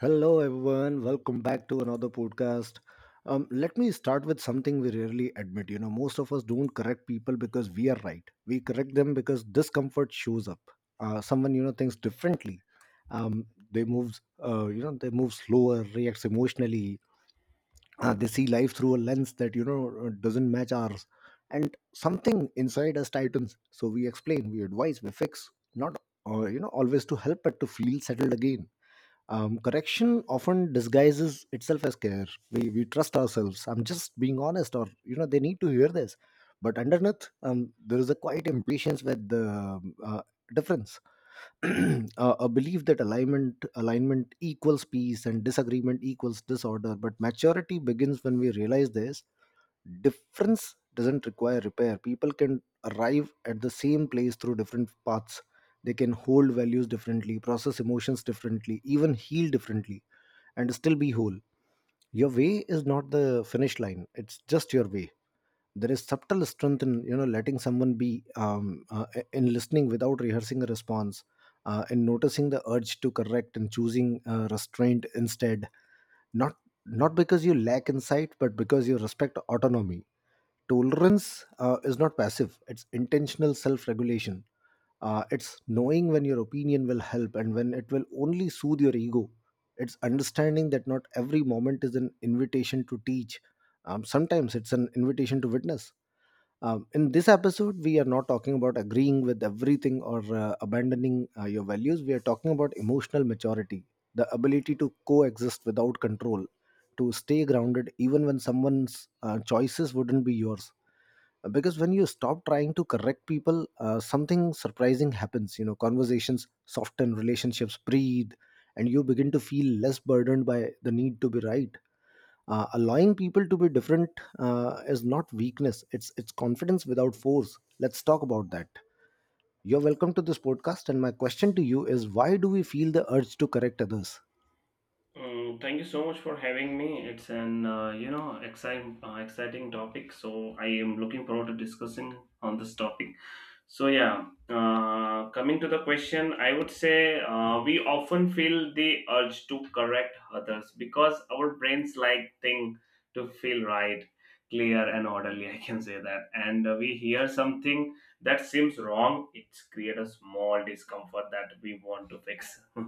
Hello, everyone. Welcome back to another podcast. Let me start with something we rarely admit. You know, most of us don't correct people because we are right. We correct them because discomfort shows up. Someone you know thinks differently. Um, they move. You know, they move slower, reacts emotionally. They see life through a lens that you know doesn't match ours, and something inside us tightens. So we explain, we advise, we fix. Not you know always to help, but to feel settled again. Correction often disguises itself as care. We trust ourselves. I'm just being honest, or you know they need to hear this. But underneath there is a quiet impatience with the difference. a, a belief that alignment equals peace and disagreement equals disorder. But maturity begins when we realize this. Difference doesn't require repair. People can arrive at the same place through different paths. They can hold values differently, process emotions differently, even heal differently, and still be whole. Your way is not the finish line, it's just your way. There is subtle strength in you know letting someone be, in listening without rehearsing a response, in noticing the urge to correct and choosing restraint instead. not Not because you lack insight, but because you respect autonomy. Tolerance is not passive, it's intentional self regulation. It's knowing when your opinion will help and when it will only soothe your ego. It's understanding that not every moment is an invitation to teach. Sometimes it's an invitation to witness. In this episode, we are not talking about agreeing with everything or abandoning your values. We are talking about emotional maturity, the ability to coexist without control, to stay grounded even when someone's choices wouldn't be yours. Because when you stop trying to correct people, something surprising happens. You know, conversations soften, relationships breathe, and you begin to feel less burdened by the need to be right. Allowing people to be different is not weakness, it's confidence without force. Let's talk about that. You're welcome to this podcast, and my question to you is, why do we feel the urge to correct others? Mm, thank you so much for having me. It's an exciting exciting topic, so I am looking forward to discussing on this topic. So yeah, coming to the question, I would say we often feel the urge to correct others because our brains like thing to feel right, clear and orderly. I can say that, and we hear something that seems wrong, it creates a small discomfort that we want to fix.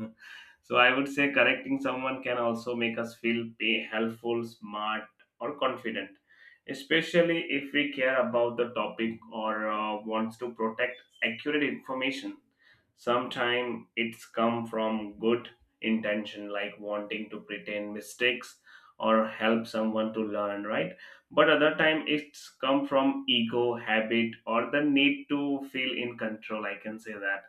So I would say correcting someone can also make us feel pay, helpful, smart, or confident, especially if we care about the topic or wants to protect accurate information. Sometimes it's come from good intention, like wanting to pretend mistakes or help someone to learn right, but other time it's come from ego habit or the need to feel in control, I can say that.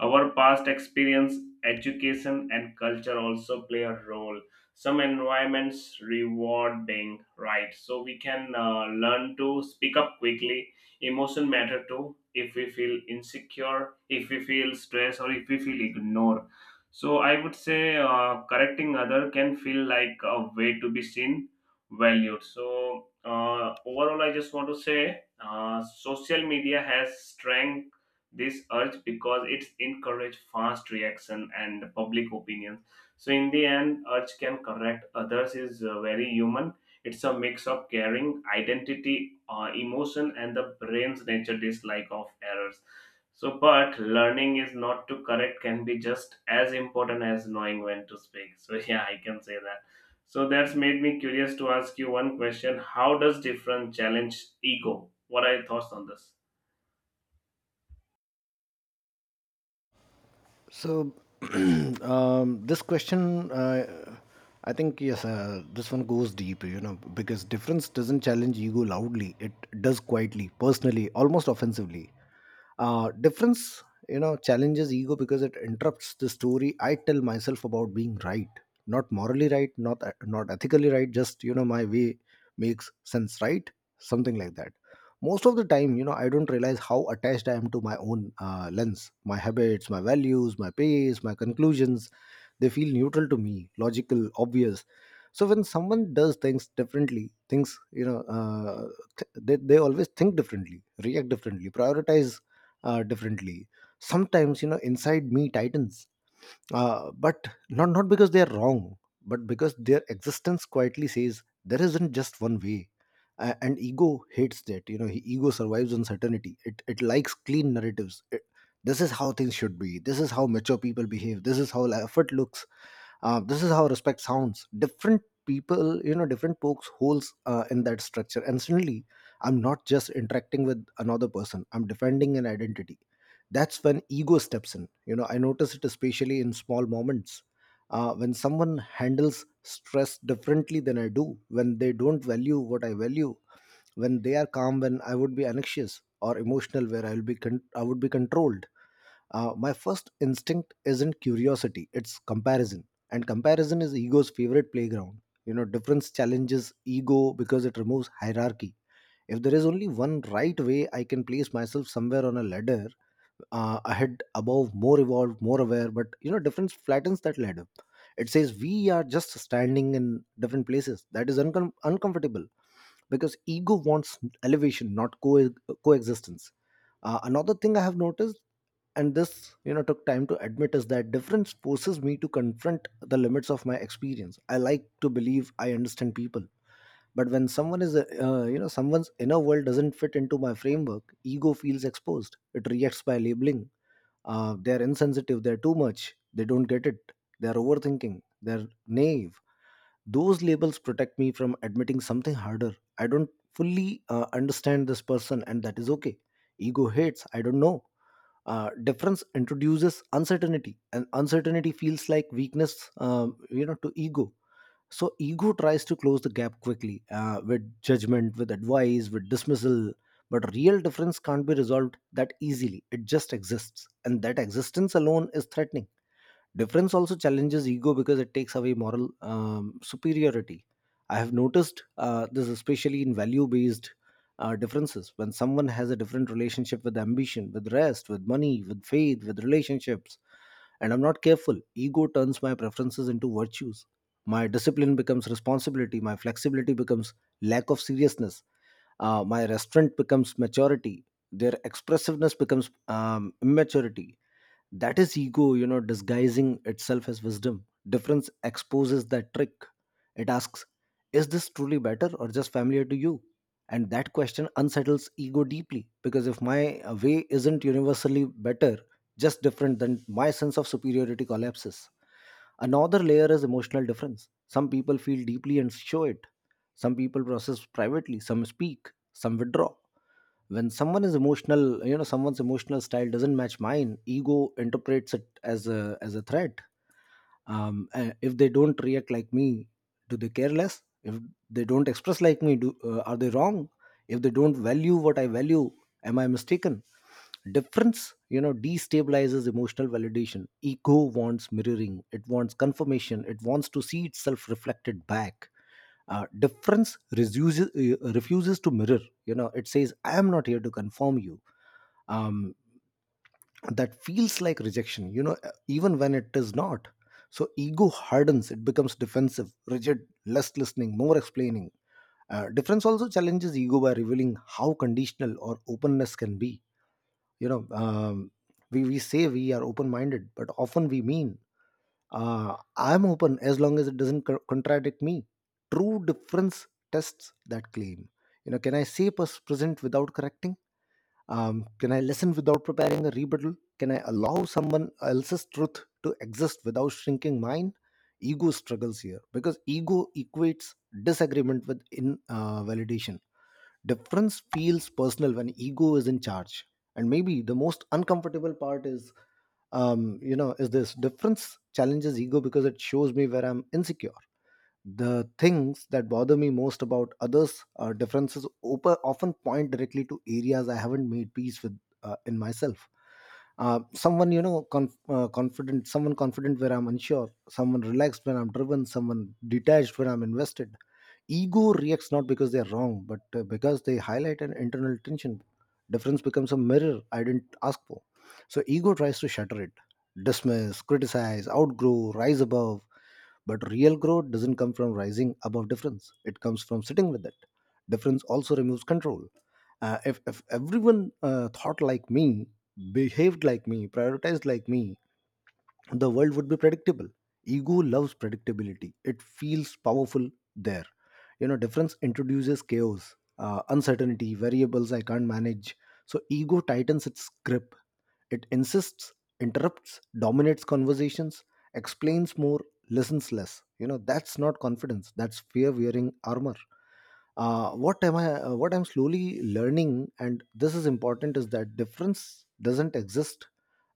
Our past experience, education and culture also play a role. Some environments rewarding right, so we can learn to speak up quickly. Emotion matter too, if we feel insecure, if we feel stressed or if we feel ignored. So I would say correcting other can feel like a way to be seen, valued. So overall I just want to say social media has strength this urge because it's encourage fast reaction and public opinion. So in the end, urge can correct others is very human. It's a mix of caring, identity, emotion, and the brain's nature dislike of errors. So, but learning is not to correct can be just as important as knowing when to speak. So yeah, I can say that. So that's made me curious to ask you one question: how does different challenge ego? What are your thoughts on this? So this question, I think yes, this one goes deep, you know, because difference doesn't challenge ego loudly. It does quietly, personally, almost offensively. Difference, you know, challenges ego because it interrupts the story I tell myself about being right. Not morally right, not ethically right, just you know my way makes sense, right? Something like that. Most of the time, you know, I don't realize how attached I am to my own lens, my habits, my values, my pace, my conclusions. They feel neutral to me, logical, obvious. So when someone does things differently, things you know they always think differently, react differently, prioritize differently. Sometimes, you know, inside me tightens, but not not because they are wrong, but because their existence quietly says there isn't just one way. And ego hates that. You know, ego survives uncertainty. It likes clean narratives. It, this is how things should be. This is how mature people behave. This is how effort looks. This is how respect sounds. Different people, you know, different pokes holes in that structure. And suddenly I'm not just interacting with another person, I'm defending an identity. That's when ego steps in. You know, I notice it especially in small moments, when someone handles stress differently than I do, when they don't value what I value, when they are calm when I would be anxious, or emotional where I will be I would be controlled. My first instinct isn't curiosity, it's comparison. And comparison is ego's favorite playground. You know, difference challenges ego because it removes hierarchy. If there is only one right way, I can place myself somewhere on a ladder, ahead, above, more evolved, more aware. But you know difference flattens that ladder. It says we are just standing in different places. That is uncomfortable because ego wants elevation, not coexistence. Another thing I have noticed, and this you know took time to admit, is that difference forces me to confront the limits of my experience. I like to believe I understand people, but when someone is you know, someone's inner world doesn't fit into my framework, ego feels exposed. It reacts by labeling. They're insensitive, they're too much, they don't get it, they're overthinking, they're naive. Those labels protect me from admitting something harder. I don't fully understand this person, and that is okay. Ego hates I don't know. Difference introduces uncertainty, and uncertainty feels like weakness, you know, to ego. So ego tries to close the gap quickly with judgment, with advice, with dismissal. But real difference can't be resolved that easily. It just exists. And that existence alone is threatening. Difference also challenges ego because it takes away moral superiority. I have noticed this especially in value based differences. When someone has a different relationship with ambition, with rest, with money, with faith, with relationships, and I'm not careful, ego turns my preferences into virtues. My discipline becomes responsibility, my flexibility becomes lack of seriousness, my restraint becomes maturity, their expressiveness becomes immaturity. That is ego, you know, disguising itself as wisdom. Difference exposes that trick. It asks, is this truly better, or just familiar to you? And that question unsettles ego deeply, because if my way isn't universally better, just different, then my sense of superiority collapses. Another layer is emotional difference. Some people feel deeply and show it. Some people process privately, some speak, some withdraw. When someone is emotional, you know, someone's emotional style doesn't match mine, ego interprets it as a threat. If they don't react like me, do they care less? If they don't express like me, do are they wrong? If they don't value what I value, am I mistaken? Difference, you know, destabilizes emotional validation. Ego wants mirroring, it wants confirmation, it wants to see itself reflected back. Difference refuses to mirror. You know, it says I am not here to conform you. um, that feels like rejection, you know, even when it is not. So ego hardens, it becomes defensive, rigid, less listening, more explaining. Difference also challenges ego by revealing how conditional or openness can be. You know, we say we are open minded, but often we mean, I'm open as long as it doesn't contradict me. True difference tests that claim. You know, can I say present without correcting? Can I listen without preparing a rebuttal? Can I allow someone else's truth to exist without shrinking mine? Ego struggles here because ego equates disagreement with in validation. Difference feels personal when ego is in charge. And maybe the most uncomfortable part is, you know, is this, difference challenges ego because it shows me where I'm insecure. The things that bother me most about others' differences often point directly to areas I haven't made peace with in myself. Someone, you know, conf- confident, someone confident where I'm unsure, someone relaxed when I'm driven, someone detached when I'm invested, ego reacts not because they're wrong, but because they highlight an internal tension. Difference becomes a mirror I didn't ask for. So ego tries to shatter it, dismiss, criticize, outgrow, rise above. But real growth doesn't come from rising above difference, it comes from sitting with it. Difference also removes control. If everyone thought like me, behaved like me, prioritized like me, the world would be predictable. Ego loves predictability, it feels powerful there. You know, difference introduces chaos, uncertainty, variables I can't manage. So ego tightens its grip, it insists, interrupts, dominates conversations, explains more, listens less. You know, that's not confidence, that's fear wearing armor. What I'm slowly learning, and this is important, is that difference doesn't exist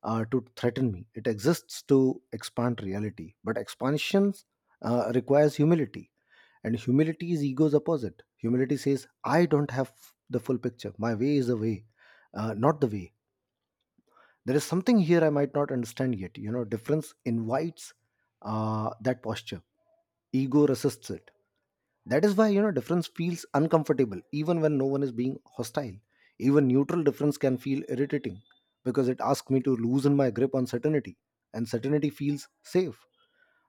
to threaten me, it exists to expand reality. But expansions requires humility, and humility is ego's opposite. Humility says I don't have the full picture. My way is the way, not the way. There is something here I might not understand yet. You know, difference invites that posture. Ego resists it. That is why, you know, difference feels uncomfortable even when no one is being hostile. Even neutral difference can feel irritating, because it asks me to loosen my grip on certainty, and certainty feels safe.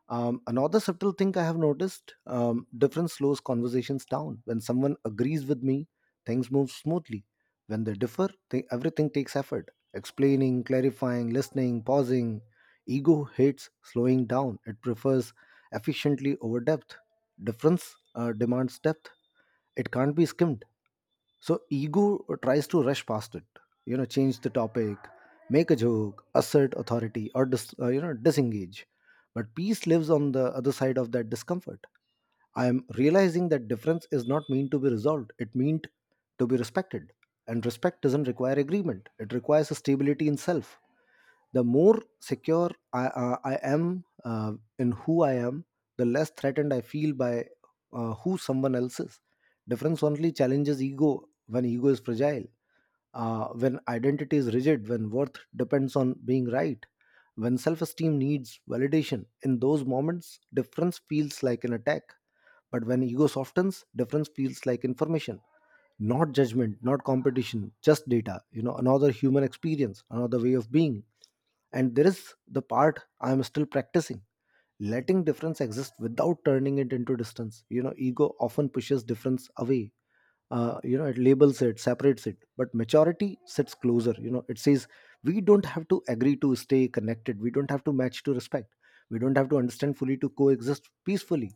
Another subtle thing I have noticed, difference slows conversations down. When someone agrees with me, things move smoothly. When they differ, everything takes effort. Explaining, clarifying, listening, pausing. Ego hates slowing down, it prefers efficiently over depth. Difference demands depth, it can't be skimmed. So ego tries to rush past it, change the topic, make a joke, assert authority, or disengage. But peace lives on the other side of that discomfort. I am realizing that difference is not meant to be resolved; it meant to be respected. And respect doesn't require agreement; it requires a stability in self. The more secure I am in who I am, the less threatened I feel by who someone else is. Difference only challenges ego when ego is fragile, when identity is rigid, when worth depends on being right, when self-esteem needs validation. In those moments difference feels like an attack, but when ego softens difference feels like information, not judgment, not competition, just data, another human experience, another way of being. And there is the part I am still practicing, letting difference exist without turning it into distance. Ego often pushes difference away, it labels, it separates, it but maturity sits closer. It says, we don't have to agree to stay connected, we don't have to match to respect, we don't have to understand fully to coexist peacefully.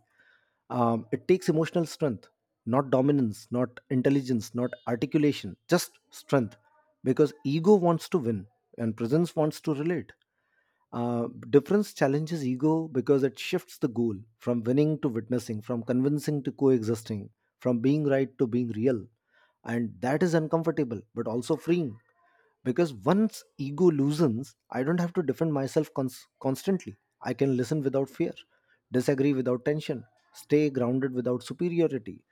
It takes emotional strength, not dominance, not intelligence, not articulation, just strength. Because ego wants to win and presence wants to relate. Difference challenges ego because it shifts the goal from winning to witnessing, from convincing to coexisting, from being right to being real, and that is uncomfortable but also freeing, because once ego loosens I don't have to defend myself constantly. I can listen without fear, disagree without tension, stay grounded without superiority.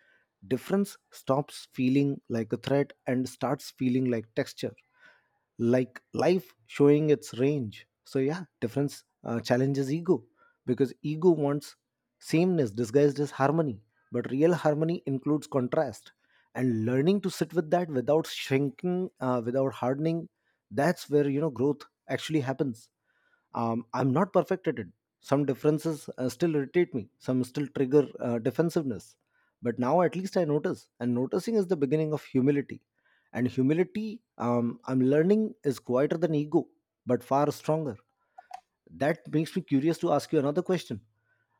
Difference stops feeling like a threat and starts feeling like texture, like life showing its range. So yeah, difference challenges ego, because ego wants sameness disguised as harmony, but real harmony includes contrast, and learning to sit with that without shrinking, without hardening, that's where growth actually happens. I'm not perfect at it. Some differences still irritate me, some still trigger defensiveness, but now at least I notice, and noticing is the beginning of humility. And humility, I'm learning, is quieter than ego, but far stronger. That makes me curious to ask you another question.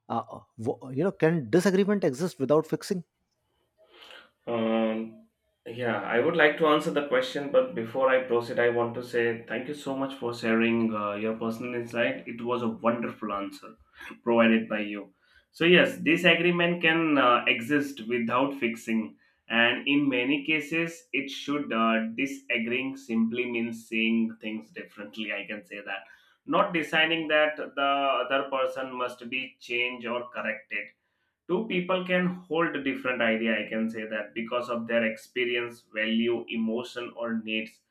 Can disagreement exist without fixing? Um, yeah, I would like to answer the question, but before I proceed, I want to say thank you so much for sharing your personal insight. It was a wonderful answer provided by you. So, yes, disagreement can exist without fixing, and in many cases, it should. Disagreeing simply means seeing things differently, I can say that. Not deciding that the other person must be changed or corrected. Two people can hold a different idea, I can say that, because of their experience, value, emotion or needs.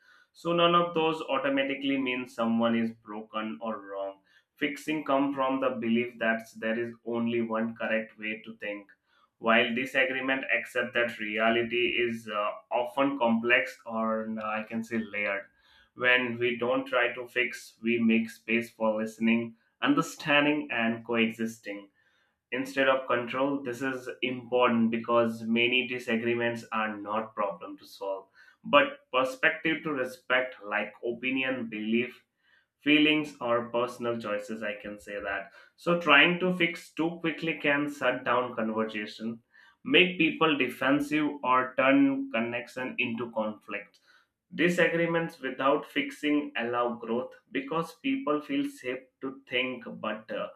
So none of those automatically means someone is broken or wrong. Fixing come from the belief that there is only one correct way to think, while disagreement accept that reality is often complex or I can say layered. When we don't try to fix, we make space for listening, understanding and coexisting instead of control. This is important because many disagreements are not problem to solve but perspective to respect, like opinion, belief, feelings or personal choices, I can say that. So trying to fix too quickly can shut down conversation, make people defensive or turn connection into conflict. Disagreements without fixing allow growth because people feel safe to think but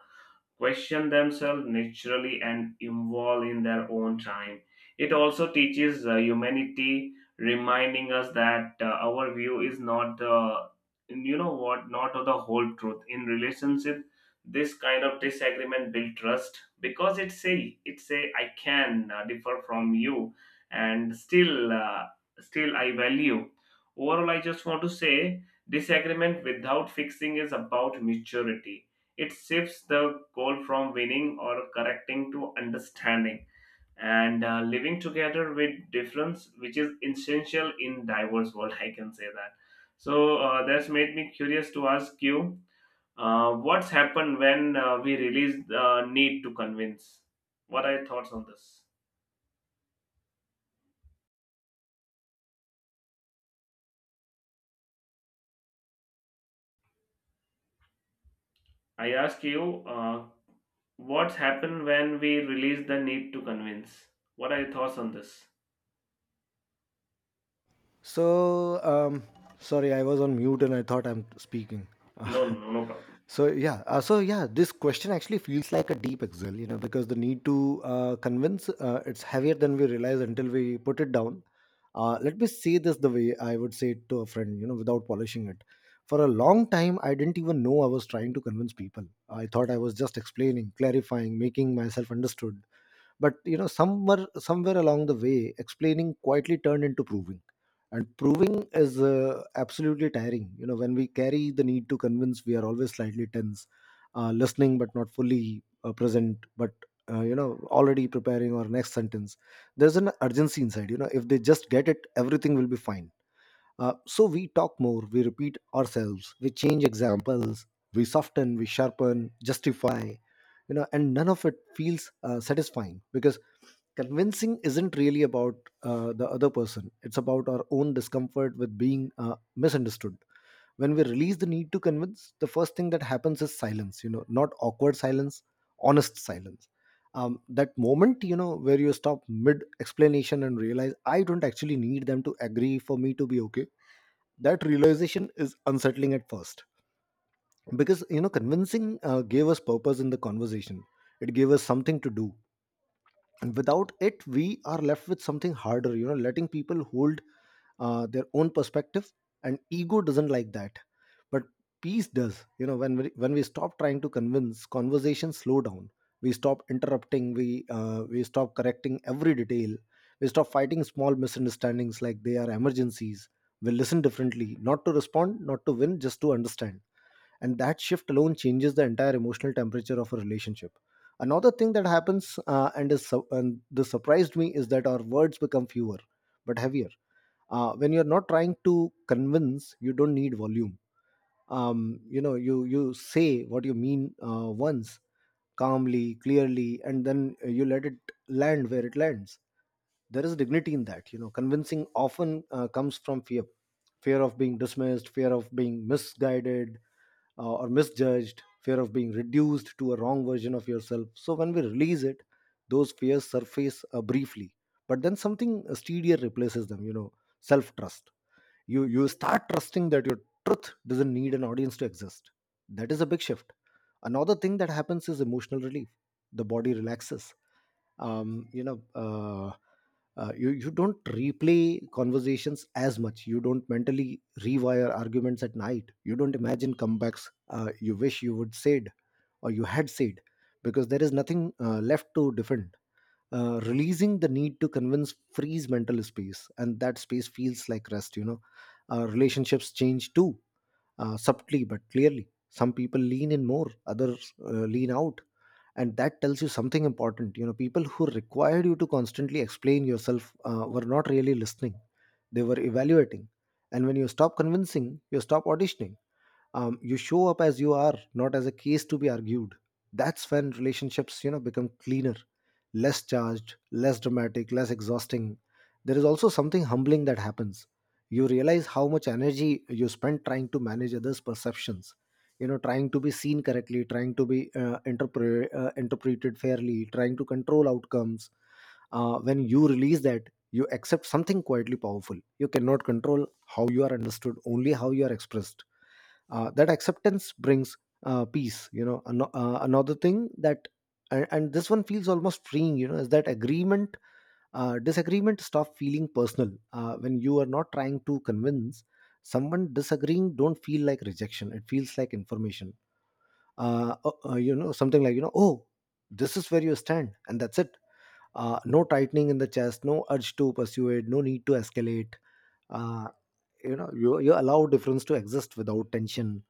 question themselves naturally and evolve in their own time. It also teaches humanity, reminding us that our view is not the, you know what, not of the whole truth. In relationship, this kind of disagreement build trust because it say I can differ from you, and still I value. Overall, I just want to say disagreement without fixing is about maturity. It shifts the goal from winning or correcting to understanding and living together with difference, which is essential in diverse world. I can say that. So that's made me curious to ask you, what's happened when we release the need to convince? What are your thoughts on this? I ask you, what's happened when we release the need to convince? What are your thoughts on this? So um, sorry I was on mute and I thought I'm speaking. No, no, no problem. So yeah, this question actually feels like a deep exhale, because the need to convince it's heavier than we realize until we put it down. Let me say this the way I would say it to a friend, without polishing it. For a long time, I didn't even know I was trying to convince people. I thought I was just explaining, clarifying, making myself understood, but somewhere along the way, explaining quietly turned into proving, and proving is absolutely tiring. When we carry the need to convince, we are always slightly tense, listening but not fully present, but uh, you know already preparing our next sentence. There's an urgency inside, if they just get it, everything will be fine. So we talk more, we repeat ourselves, we change examples, we soften, we sharpen, justify, and none of it feels satisfying, because convincing isn't really about the other person. It's about our own discomfort with being misunderstood. When we release the need to convince, the first thing that happens is silence, not awkward silence, honest silence. That moment, where you stop mid explanation and realize I don't actually need them to agree for me to be okay. That realization is unsettling at first, because convincing gave us purpose in the conversation, it gave us something to do, and without it we are left with something harder, letting people hold their own perspective, and ego doesn't like that. But peace does. When we stop trying to convince, conversations slow down, we stop interrupting, we stop correcting every detail, we stop fighting small misunderstandings like they are emergencies, we listen differently, not to respond, not to win, just to understand. And that shift alone changes the entire emotional temperature of a relationship. Another thing that happens, and this surprised me, is that our words become fewer but heavier. When you're not trying to convince, you don't need volume. You say what you mean once, calmly, clearly, and then you let it land where it lands. There is dignity in that. Convincing often comes from fear. Fear of being dismissed, fear of being misguided, or misjudged, fear of being reduced to a wrong version of yourself. So when we release it, those fears surface briefly, but then something steadier replaces them. Self trust. You start trusting that your truth doesn't need an audience to exist. That is a big shift. Another thing that happens is emotional relief. The body relaxes. Um, you know uh, uh, you you don't replay conversations as much, you don't mentally rewire arguments at night, you don't imagine comebacks, you wish you would said or you had said, because there is nothing left to defend. Releasing the need to convince frees mental space, and that space feels like rest. Relationships change too, subtly but clearly. Some people lean in more, others lean out, and that tells you something important. People who required you to constantly explain yourself were not really listening, they were evaluating. And when you stop convincing, you stop auditioning. You show up as you are, not as a case to be argued. That's when relationships, become cleaner, less charged, less dramatic, less exhausting. There is also something humbling that happens. You realize how much energy you spend trying to manage others perceptions, trying to be seen correctly, trying to be interpreted fairly, trying to control outcomes. When you release that, you accept something quietly powerful. You cannot control how you are understood, only how you are expressed. That acceptance brings peace. Another thing that, and this one feels almost freeing. Is that agreement disagreement stop feeling personal, when you are not trying to convince, someone disagreeing don't feel like rejection, it feels like information, something like, oh, this is where you stand and that's it. No tightening in the chest, no urge to persuade, no need to escalate. Uh, you know you, you allow difference to exist without tension,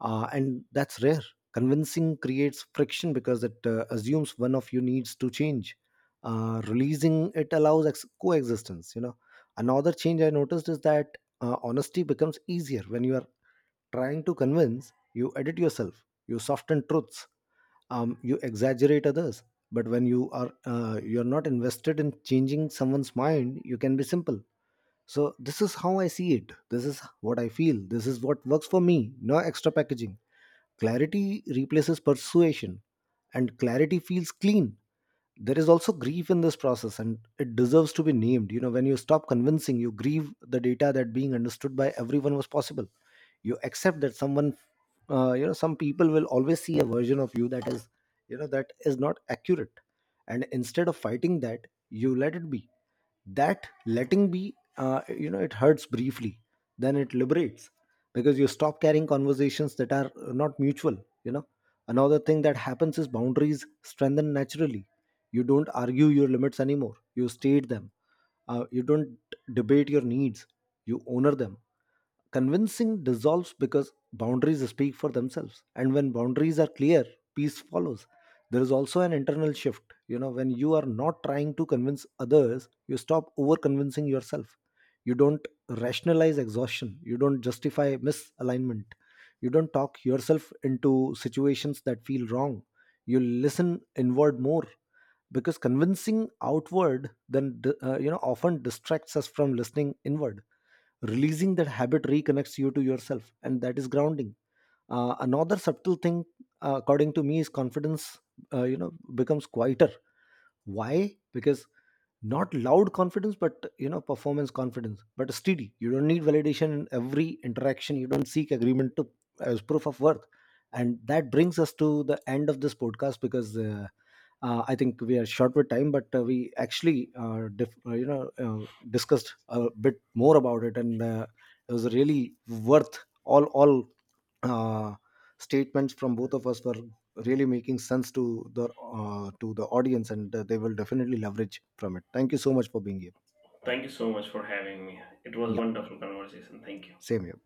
and that's rare. Convincing creates friction because it assumes one of you needs to change. Releasing it allows coexistence. Another change I noticed is that honesty becomes easier. When you are trying to convince, you edit yourself, you soften truths, you exaggerate others. But when you're not invested in changing someone's mind, you can be simple. So this is how I see it, this is what I feel, this is what works for me. No extra packaging. Clarity replaces persuasion, and clarity feels clean. There is also grief in this process, and it deserves to be named. When you stop convincing, you grieve the data that being understood by everyone was possible. You accept that someone you know some people will always see a version of you that is, that is not accurate. And instead of fighting that, you let it be. That letting be, it hurts briefly, then it liberates, because you stop carrying conversations that are not mutual you know Another thing that happens is boundaries strengthen naturally. You don't argue your limits anymore, you state them. You don't debate your needs, you honor them. Convincing dissolves because boundaries speak for themselves, and when boundaries are clear, peace follows. There is also an internal shift. When you are not trying to convince others, you stop over convincing yourself. You don't rationalize exhaustion, you don't justify misalignment, you don't talk yourself into situations that feel wrong. You listen inward more, because convincing outward then often distracts us from listening inward. Releasing that habit reconnects you to yourself, and that is grounding. Another subtle thing, according to me, is confidence. Becomes quieter. Why? Because not loud confidence, but performance confidence, but steady. You don't need validation in every interaction, you don't seek agreement to as proof of worth. And that brings us to the end of this podcast, because I think we are short with time. But we actually discussed a bit more about it, and it was really worth all uh, statements from both of us were really making sense the to the audience, and they will definitely leverage from it. Thank you so much for being here. Thank you so much for having me. It was a Yeah, wonderful conversation. Thank you. same here.